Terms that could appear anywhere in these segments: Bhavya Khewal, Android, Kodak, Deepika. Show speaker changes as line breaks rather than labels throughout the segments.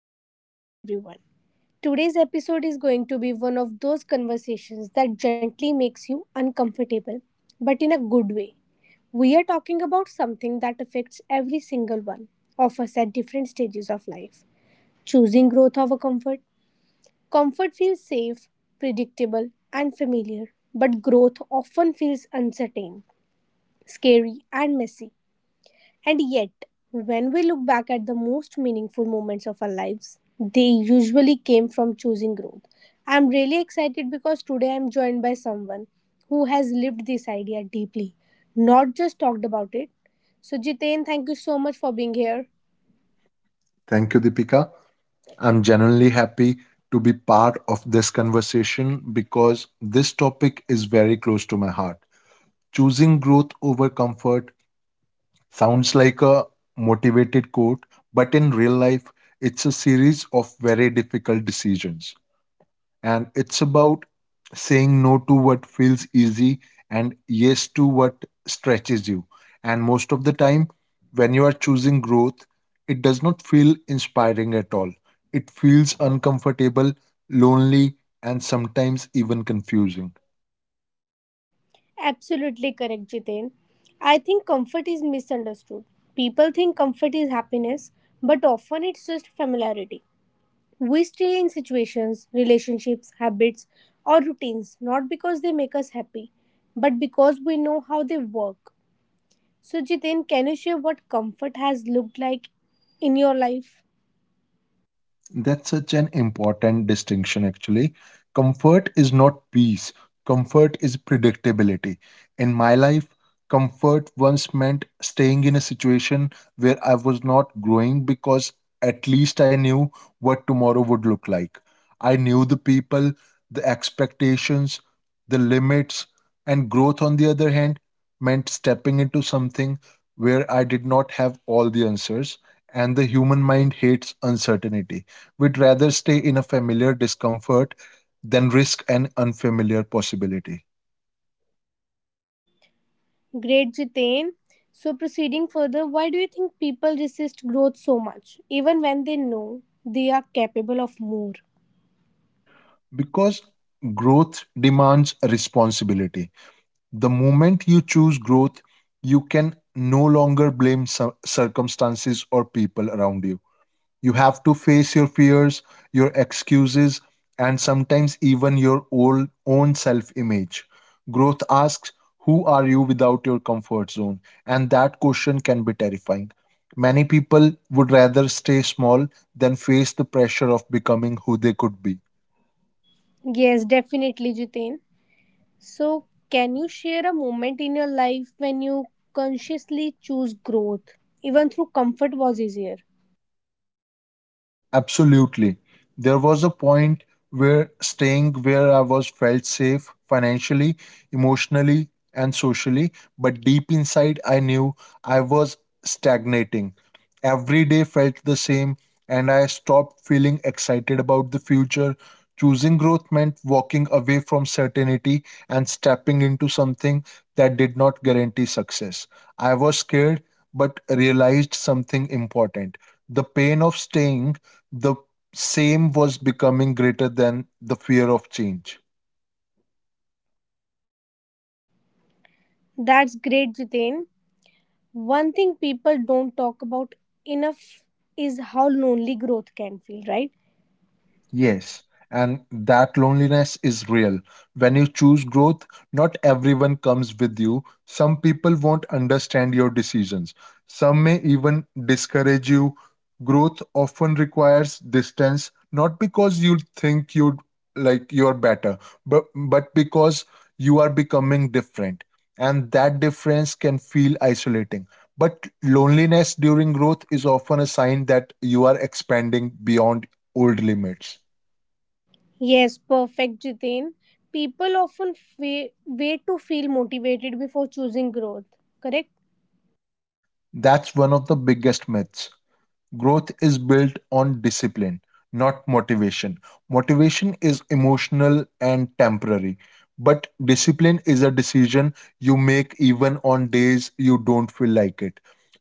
our podcast, everyone. Today's episode is going to be one of those conversations that gently makes you uncomfortable, but in a good way. We are talking about something that affects every single one of us at different stages of life choosing growth over comfort. Comfort feels safe, predictable, and familiar, but growth often feels uncertain, scary, and messy. And yet, when we look back at the most meaningful moments of our lives, they usually came from choosing growth. I'm really excited because today I'm joined by someone who has lived this idea deeply, not just talked about it. So, Jiten, thank you so much for being here.
Thank you, Deepika. I'm genuinely happy to be part of this conversation because this topic is very close to my heart. Choosing growth over comfort sounds like a motivated quote, but in real life, it's a series of very difficult decisions. And it's about saying no to what feels easy and yes to what stretches you. And most of the time, when you are choosing growth, it does not feel inspiring at all. It feels uncomfortable, lonely, and sometimes even confusing.
Absolutely correct, Jitain. I think comfort is misunderstood. People think comfort is happiness, but often it's just familiarity. We stay in situations, relationships, habits, or routines not because they make us happy, but because we know how they work. So, Jitain, can you share what comfort has looked like in your life?
That's such an important distinction, actually. Comfort is not peace, comfort is predictability. In my life, comfort once meant staying in a situation where I was not growing because at least I knew what tomorrow would look like. I knew the people, the expectations, the limits, and growth, on the other hand, meant stepping into something where I did not have all the answers, and the human mind hates uncertainty. We'd rather stay in a familiar discomfort than risk an unfamiliar possibility
Great, Jitain. So, proceeding further, why do you think people resist growth so much, even when they know they are capable of more?
because growth demands responsibility. The moment you choose growth, you can no longer blame circumstances or people around you. You have to face your fears, your excuses, and sometimes even your old, own self image. Growth asks, who are you without your comfort zone? And that question can be terrifying. Many people would rather stay small than face the pressure of becoming who they could be.
Yes, definitely, Jitain. So, can you share a moment in your life when you consciously choose growth, even through comfort was easier?
Absolutely. There was a point where staying where I was felt safe financially, emotionally, and socially, but deep inside I knew I was stagnating. Every day felt the same, and I stopped feeling excited about the future. Choosing growth meant walking away from certainty and stepping into something that did not guarantee success. I was scared, but realized something important. The pain of staying the same was becoming greater than the fear of change.
That's great, Jitain. One thing people don't talk about enough is how lonely growth can feel, right?
Yes, and that loneliness is real. When you choose growth, not everyone comes with you. Some people won't understand your decisions. Some may even discourage you. Growth often requires distance, not because you think you like you're better, but because you are becoming different. And that difference can feel isolating. But loneliness during growth is often a sign that you are expanding beyond old limits.
Yes, perfect, Jitain. People often wait to feel motivated before choosing growth, correct?
That's one of the biggest myths. Growth is built on discipline, not motivation. Motivation is emotional and temporary, but discipline is a decision you make even on days you don't feel like it.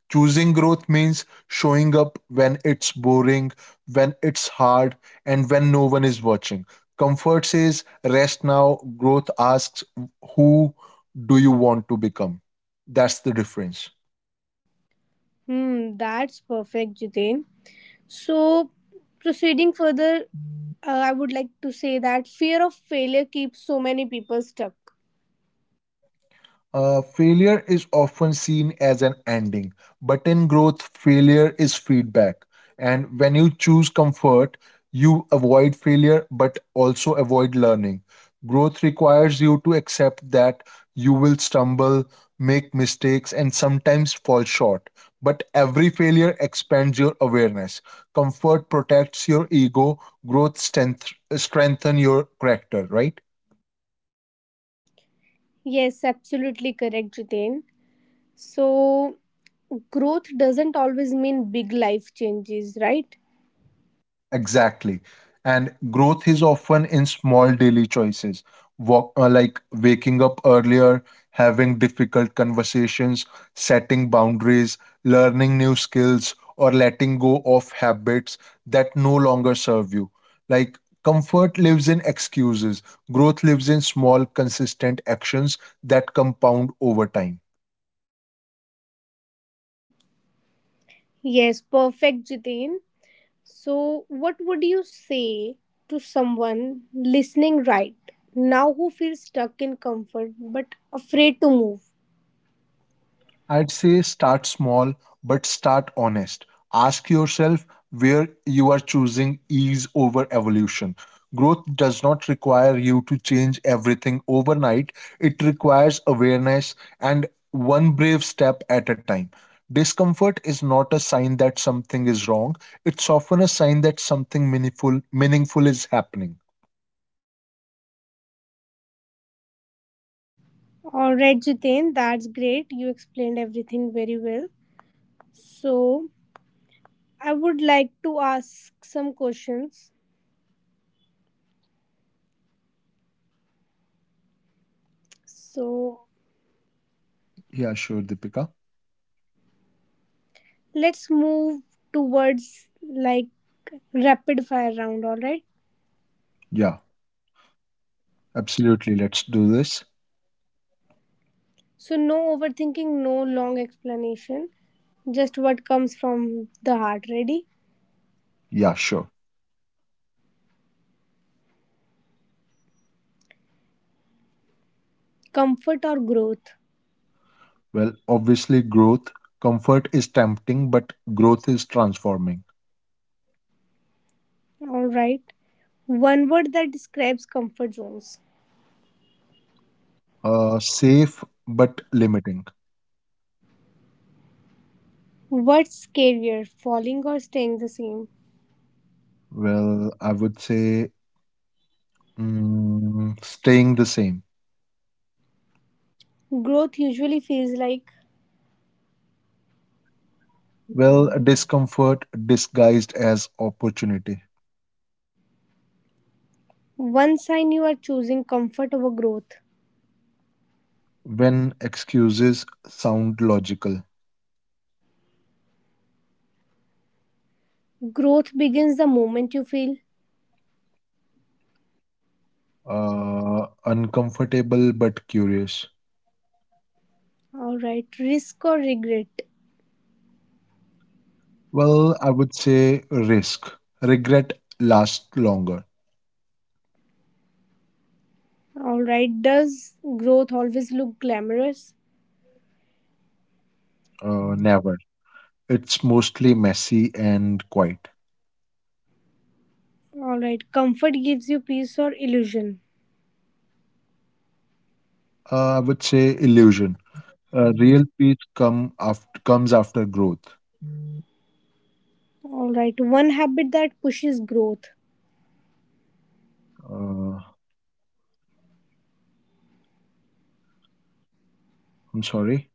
Choosing growth means showing up when it's boring, when it's hard, and when no one is watching. Comfort says rest now, growth asks who do you want to become? That's the difference.
That's perfect, Jitain. So, proceeding further, I would like to say that fear of failure keeps so many people stuck.
Failure is often seen as an ending, but in growth, failure is feedback. And when you choose comfort, you avoid failure but also avoid learning. Growth requires you to accept that you will stumble, make mistakes, and sometimes fall short. But every failure expands your awareness. Comfort protects your ego, growth strengthen your character, right?
Yes, absolutely correct, Jitain. So, growth doesn't always mean big life changes, right?
Exactly. And growth is often in small daily choices, like waking up earlier, having difficult conversations, setting boundaries, learning new skills, or letting go of habits that no longer serve you. Like comfort lives in excuses, growth lives in small, consistent actions that compound over time.
Yes, perfect, Jitain. So, what would you say to someone listening right now who feels stuck in comfort but afraid to move?
I'd say start small, but start honest. Ask yourself where you are choosing ease over evolution. Growth does not require you to change everything overnight, it requires awareness and one brave step at a time. Discomfort is not a sign that something is wrong, it's often a sign that something meaningful is happening.
All right, Jitain, that's great. You explained everything very well. So, I would like to ask some questions. So
Yeah, sure, Deepika.
let's move towards like rapid fire round, all right?
Yeah, absolutely. Let's do this.
So no overthinking, no long explanation, just what comes from the heart. Ready?
Yeah, sure.
Comfort or growth?
Well, obviously, growth. Comfort is tempting, but growth is transforming.
All right. One word that describes comfort zones.
Safe, but limiting.
What's scarier, falling or staying the same?
Well, I would say staying the same.
Growth usually feels like
Well, discomfort disguised as opportunity.
one sign you are choosing comfort over growth.
When excuses sound logical,
Growth begins the moment you feel
uncomfortable, but curious.
all right, risk or regret?
Well, I would say risk. Regret lasts longer.
All right, does growth always look glamorous?
Never. It's mostly messy and quiet.
All right, comfort gives you peace or illusion?
I would say illusion. Real peace comes after growth.
All right, one habit that pushes growth.
Uh, I'm sorry.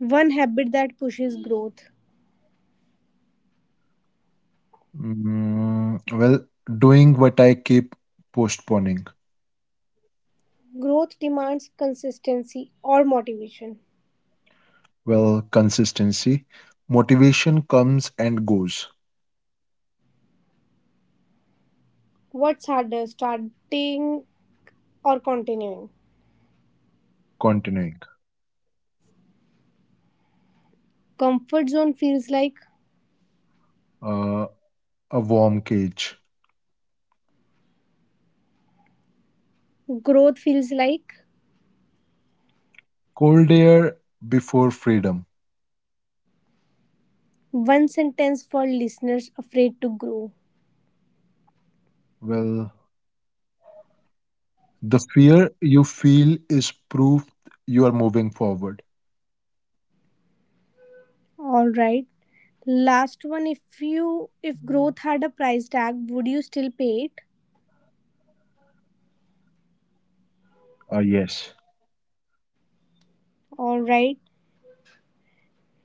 One habit that pushes growth.
Well, doing what I keep postponing.
Growth demands consistency or motivation.
Well, consistency. Motivation comes and goes.
What's harder, starting or continuing?
Continuing.
Comfort zone feels like,
Uh, a warm cage.
growth feels like.
Cold air before freedom.
One sentence for listeners afraid to grow.
Well, the fear you feel is proof you are moving forward.
All right. Last one, if growth had a price tag, would you still pay it?
Yes.
All right,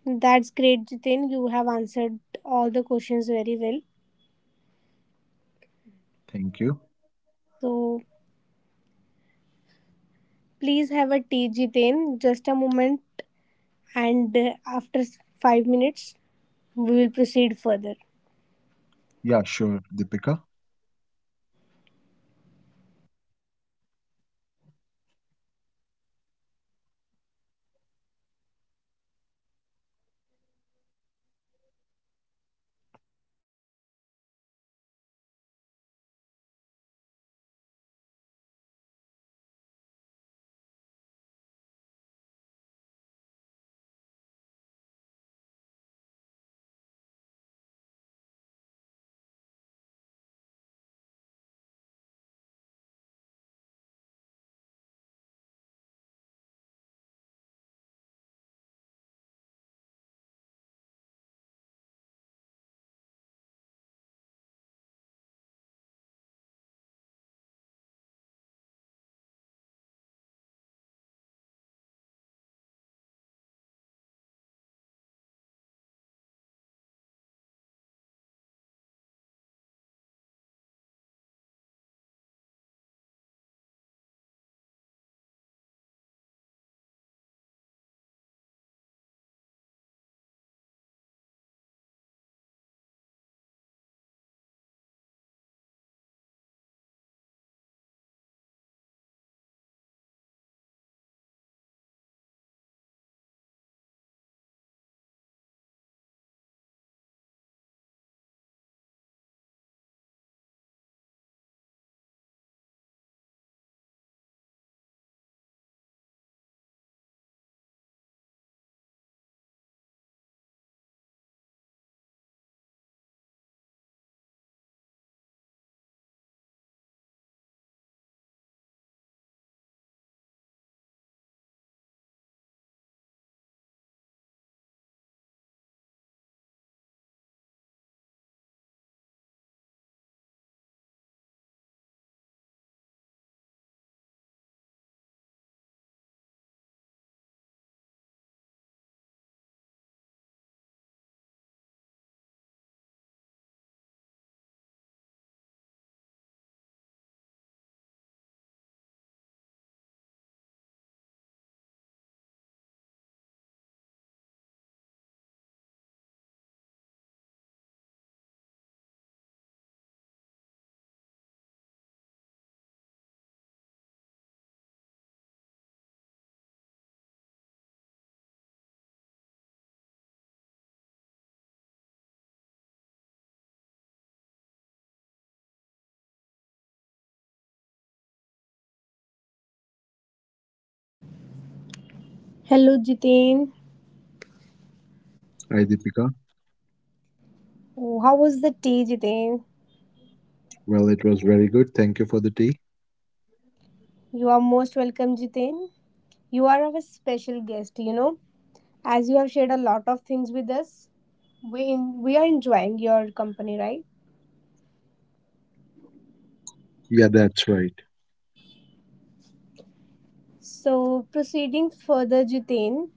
that's great, Jitin. You have answered all the questions very well.
Thank you.
So please have a tea, Jitin. Just a moment, and after 5 minutes, we will proceed further.
Yeah, sure, Deepika.
Hello, Jitin.
Hi, Deepika.
Oh, how was the tea, Jitin?
Well, it was very good. Thank you for the tea.
You are most welcome, Jitin. You are our special guest, you know. As you have shared a lot of things with us, we are enjoying your company, right?
Yeah, that's right.
So proceeding further, Jitain.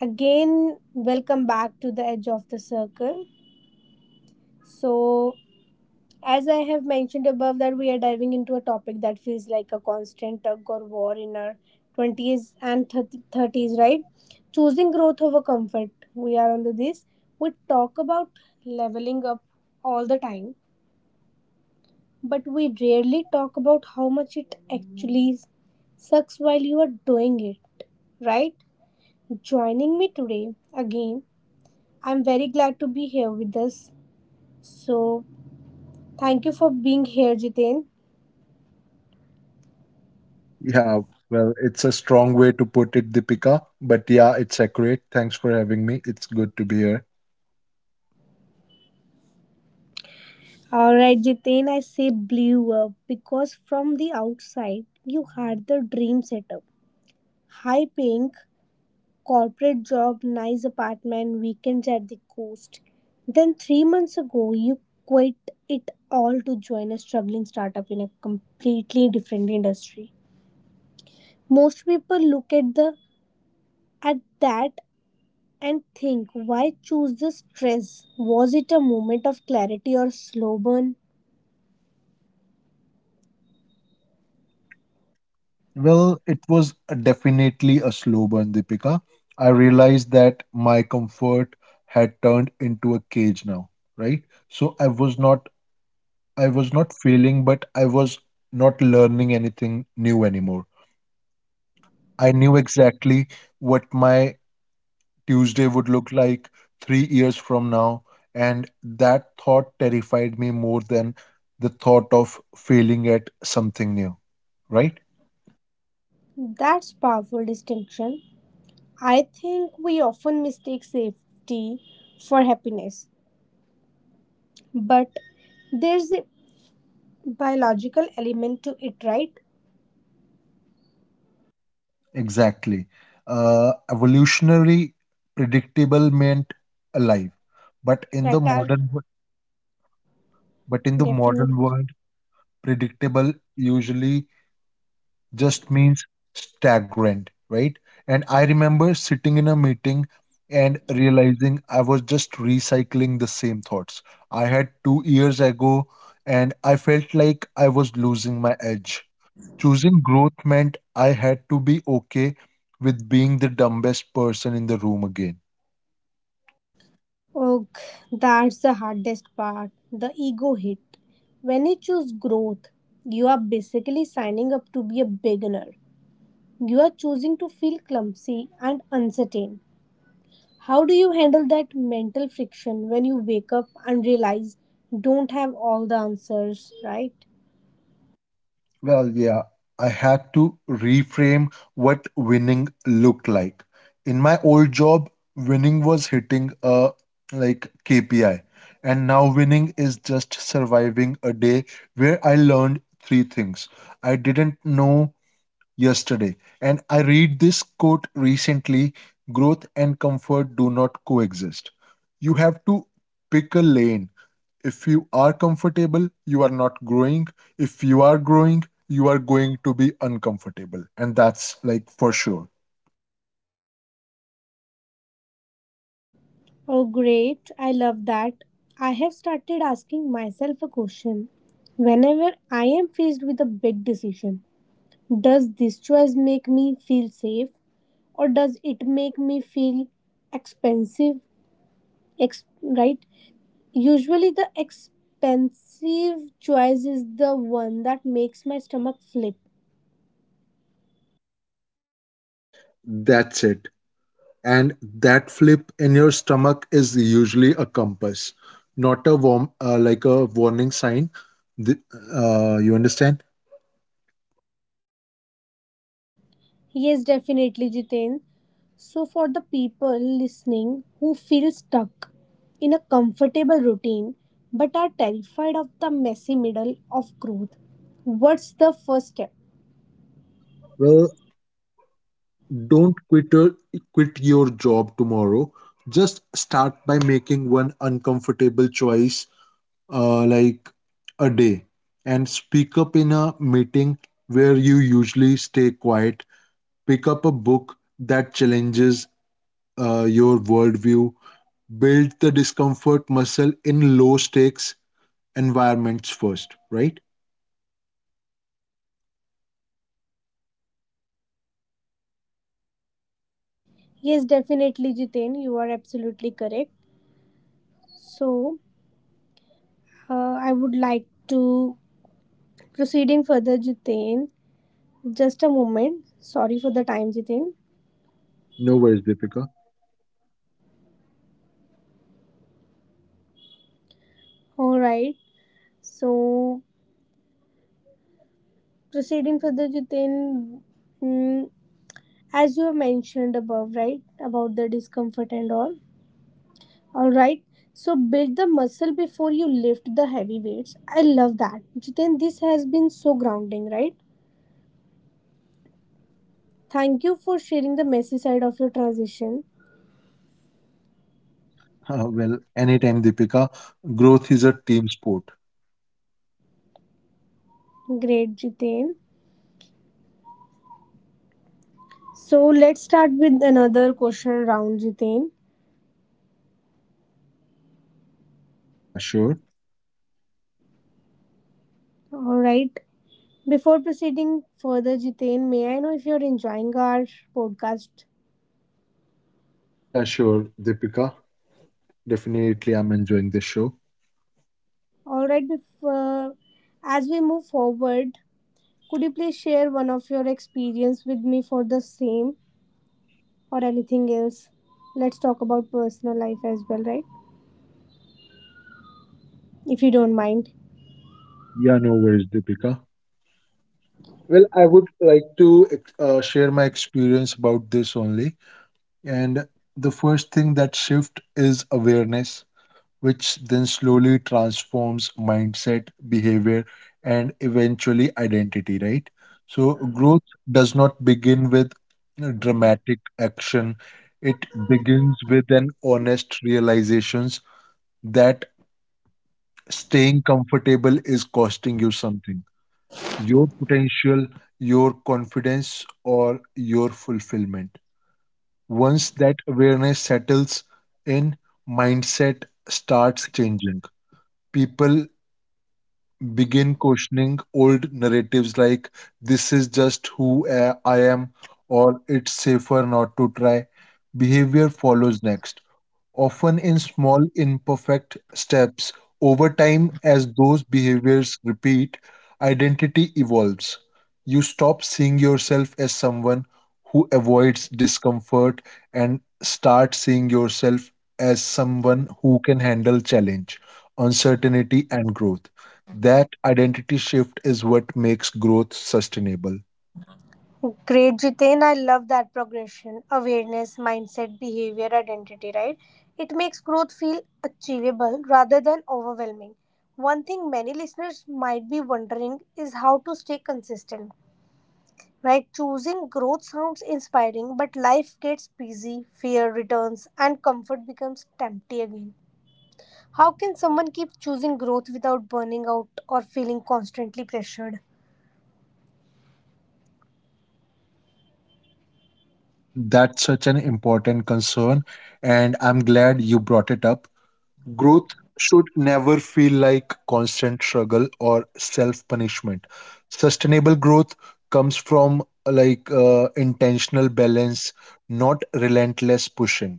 Again, welcome back to the edge of the circle. So as I have mentioned above, that we are diving into a topic that feels like a constant tug or war in our twenties and thirty thirties, right? Choosing growth over comfort. We are on this. We talk about leveling up all the time but we rarely talk about how much it actually sucks while you are doing it, right? Joining me today again, I'm very glad to be here with us. So, thank you for being here, Jitain.
Yeah, well, it's a strong way to put it, Deepika, but yeah, it's accurate. Thanks for having me. It's good to be here.
Alright, Jitain, I say blew up because from the outside, you had the dream setup high paying corporate job, nice apartment, weekends at the coast. Then, 3 months ago, you quit it all to join a struggling startup in a completely different industry. Most people look at the at that and think, why choose the stress? Was it a moment of clarity or slow burn?
Well, it was definitely a slow burn, Deepika. I realized that my comfort had turned into a cage now, right? So I was not failing, but I was not learning anything new anymore. I knew exactly what my Tuesday would look like 3 years from now, and that thought terrified me more than the thought of failing at something new, right?
That's powerful distinction. I think we often mistake safety for happiness, but there's a biological element to it, right?
Exactly. Evolutionary predictable meant alive, but in
Right,
the
our
modern wo- but in the
definite.
modern world, predictable usually just means stagnant, right? And I remember sitting in a meeting and realizing I was just recycling the same thoughts I had 2 years ago, and I felt like I was losing my edge. Choosing growth meant I had to be okay with being the dumbest person in the room again.
Oh, that's the hardest part. The ego hit. When you choose growth, you are basically signing up to be a beginner. You are choosing to feel clumsy and uncertain. How do you handle that mental friction when you wake up and realize don't have all the answers, right?
Well, yeah, I had to reframe what winning looked like. In my old job, winning was hitting a like KPI, and now winning is just surviving a day where I learned three things I didn't know yesterday. And I read this quote recently: growth and comfort do not coexist. You have to pick a lane. If you are comfortable, you are not growing. If you are growing, you are going to be uncomfortable. And that's like for sure.
Oh, great. I love that. I have started asking myself a question. Whenever I am faced with a big decision, does this choice make me feel safe or does it make me feel expensive? Right? Usually, the expensive choice is the one that makes my stomach flip.
That's it. And that flip in your stomach is usually a compass, not like a warning sign. The, you understand?
Yes, definitely, Jiten. So, for the people listening who feel stuck in a comfortable routine but are terrified of the messy middle of growth, what's the first step?
Well, don't quit your job tomorrow. Just start by making one uncomfortable choice, like a day, and speak up in a meeting where you usually stay quiet. Pick up a book that challenges your worldview. Build the discomfort muscle in low stakes environments first, right?
Yes, definitely, Jiten. You are absolutely correct. So, I would like to proceeding further, Jiten. Just a moment. Sorry for the time, Jiten.
No worries, Deepika.
All right. So, proceeding further, Jiten. Mm, as you have mentioned above right about the discomfort and all right, so build the muscle before you lift the heavy weights. I love that, Jiten. This has been so grounding, right? Thank you for sharing the messy side of your transition.
Well, anytime, Deepika. Growth is a team sport.
Great, Jiten. So let's start with another question round, Jiten.
Yeah, sure.
All right, before proceeding further, Jiten, may I know if you're enjoying our podcast?
Yeah, sure, Deepika. Definitely, I'm enjoying this show.
All right, before as we move forward, could you please share one of your experience with me for the same or anything else? Let's talk about personal life as well, right? If you don't mind.
Yeah, no worries, Deepika. Well, I would like to share my experience about this only. And the first thing that shift is awareness, which then slowly transforms mindset, behavior, and eventually identity, right? So, growth does not begin with you dramatic action. It begins with an honest realizations that staying comfortable is costing you something: your potential, your confidence, or your fulfillment. Once that awareness settles in, mindset starts changing. People begin questioning old narratives like, this is just who I am, or it's safer not to try. Behavior follows next, often in small, imperfect steps. Over time, as those behaviors repeat, identity evolves. You stop seeing yourself as someone who avoids discomfort and start seeing yourself as someone who can handle challenge, uncertainty, and growth. That identity shift is what makes growth sustainable.
Great, Jiten. I love that progression. Awareness, mindset, behavior, identity, right? It makes growth feel achievable rather than overwhelming. One thing many listeners might be wondering is how to stay consistent, right? Choosing growth sounds inspiring, but life gets busy, fear returns, and comfort becomes tempting again. How can someone keep choosing growth without burning out or feeling constantly pressured?
That's such an important concern, and I'm glad you brought it up. Growth should never feel like constant struggle or self punishment. Sustainable growth comes from like intentional balance, not relentless pushing.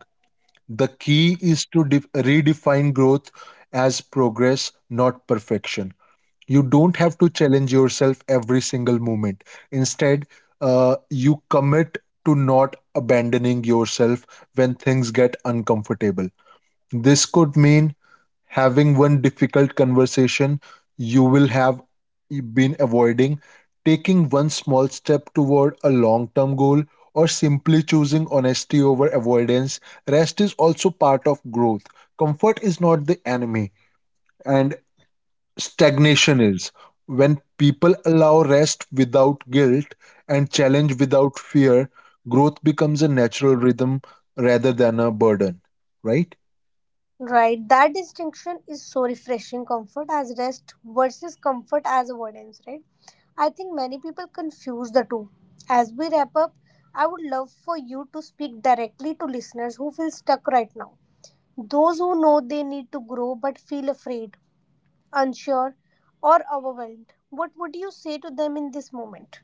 The key is to redefine growth as progress, not perfection. You don't have to challenge yourself every single moment. Instead, you commit to not abandoning yourself when things get uncomfortable. This could mean having one difficult conversation you will have been avoiding, taking one small step toward a long term goal, or simply choosing honesty over avoidance. Rest is also part of growth. Comfort is not the enemy, and stagnation is. When people allow rest without guilt and challenge without fear, growth becomes a natural rhythm rather than a burden, right?
Right, that distinction is so refreshing comfort as rest versus comfort as avoidance, right? I think many people confuse the two. As we wrap up, I would love for you to speak directly to listeners who feel stuck right now. Those who know they need to grow but feel afraid, unsure, or overwhelmed. What would you say to them in this moment?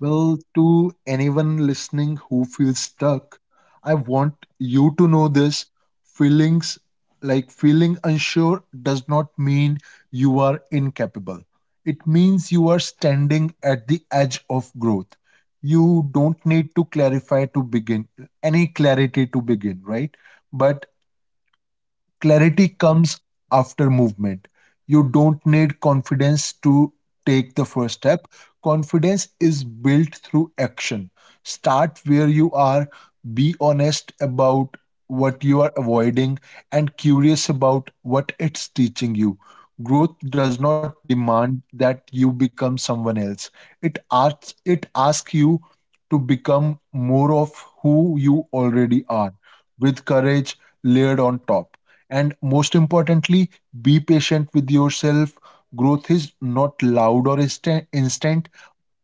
Well, to anyone listening who feels stuck, I want you to know this: feelings like feeling unsure does not mean you are incapable. It means you are standing at the edge of growth. You don't need to clarify to begin any clarity to begin, right? But clarity comes after movement. You don't need confidence to take the first step. Confidence is built through action. Start where you are, be honest about what you are avoiding, and curious about what it's teaching you. Growth does not demand that you become someone else. It asks you to become more of who you already are, with courage layered on top. And most importantly, be patient with yourself. Growth is not loud or instant,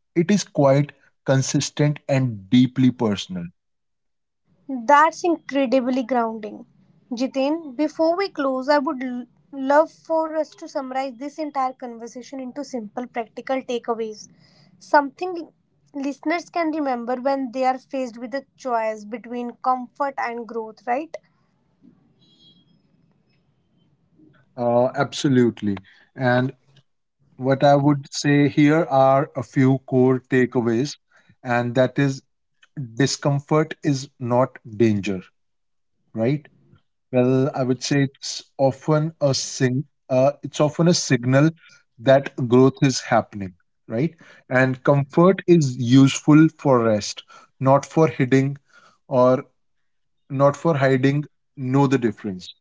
it is quiet, consistent, and deeply personal.
That's incredibly grounding. Jiten, before we close, I would love for us to summarize this entire conversation into simple, practical takeaways. Something listeners can remember when they are faced with a choice between comfort and growth, right?
Absolutely. And what I would say here are a few core takeaways, and that is discomfort is not danger, right? Well, I would say it's often a signal that growth is happening, right? And comfort is useful for rest, not for hiding or not for hiding. Know the difference.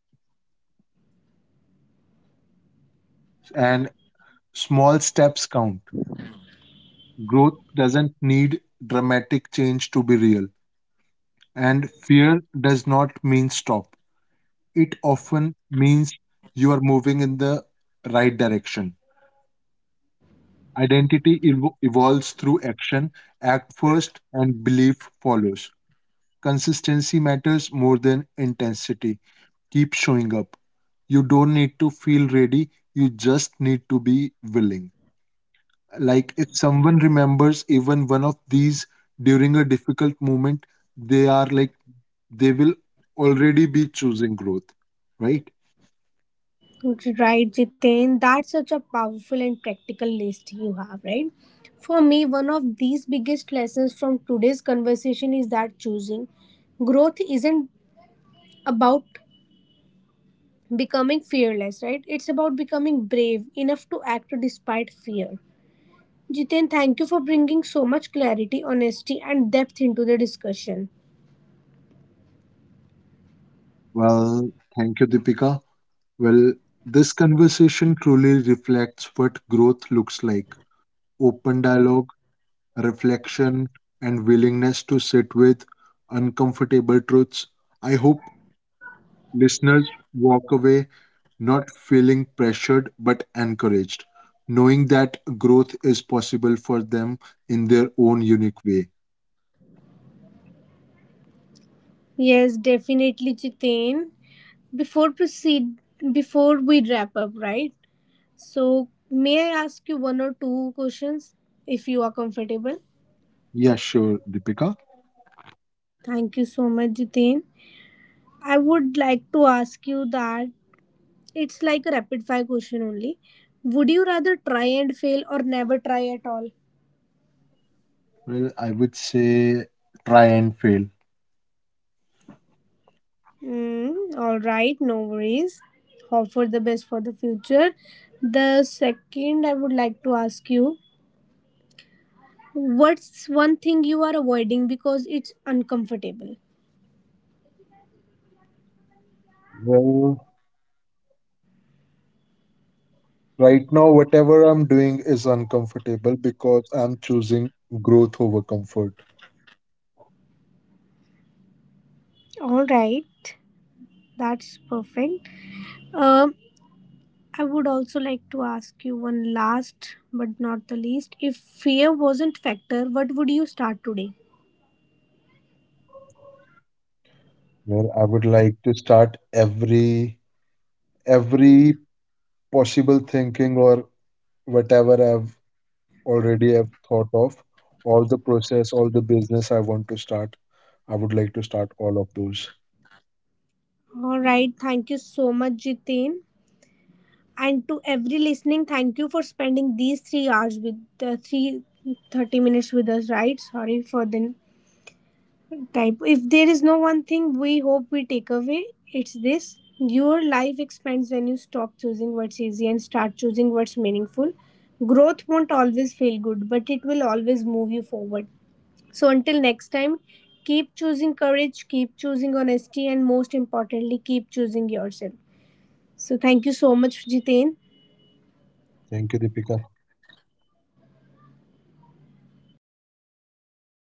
And small steps count. Growth doesn't need dramatic change to be real. And fear does not mean stop. It often means you are moving in the right direction. Identity evolves through action. Act first and belief follows. Consistency matters more than intensity. Keep showing up. You don't need to feel ready, you just need to be willing. Like if someone remembers even one of these during a difficult moment, they are like they will already be choosing growth, right?
Right, Jiten. That's such a powerful and practical list you have, right? For me, one of these biggest lessons from today's conversation is that choosing growth isn't about becoming fearless, right? It's about becoming brave enough to act despite fear. Jiten, thank you for bringing so much clarity, honesty, and depth into the discussion.
Well, thank you, Deepika. Well, this conversation truly reflects what growth looks like: open dialogue, reflection, and willingness to sit with uncomfortable truths. I hope listeners walk away not feeling pressured but encouraged, knowing that growth is possible for them in their own unique way.
Yes, definitely, Jiten. Before proceed, before we wrap up, right? So, may I ask you one or two questions if you are comfortable?
Yeah, sure, Deepika.
Thank you so much, Jiten. I would like to ask you that it's like a rapid fire question only. Would you rather try and fail or never try at all?
Well, I would say try and fail.
All right, no worries. Hope for the best for the future. The second, I would like to ask you what's one thing you are avoiding because it's uncomfortable?
Well, right now, whatever I'm doing is uncomfortable because I'm choosing growth over comfort.
All right, that's perfect. Um, I would also like to ask you one last but not the least. If fear wasn't factor, what would you start today?
Well, I would like to start every possible thinking or whatever I've already have thought of, all the process, all the business I want to start. I would like to start all of those.
All right, thank you so much, Jitin. And to every listening, thank you for spending these 3 hours with the three thirty minutes with us, right? Sorry for the type. If there is no one thing we hope we take away, it's this your life expands when you stop choosing what's easy and start choosing what's meaningful. Growth won't always feel good, but it will always move you forward. So until next time, keep choosing courage, keep choosing honesty, and most importantly, keep choosing yourself. So thank you so much, Jiten.
Thank you, Deepika.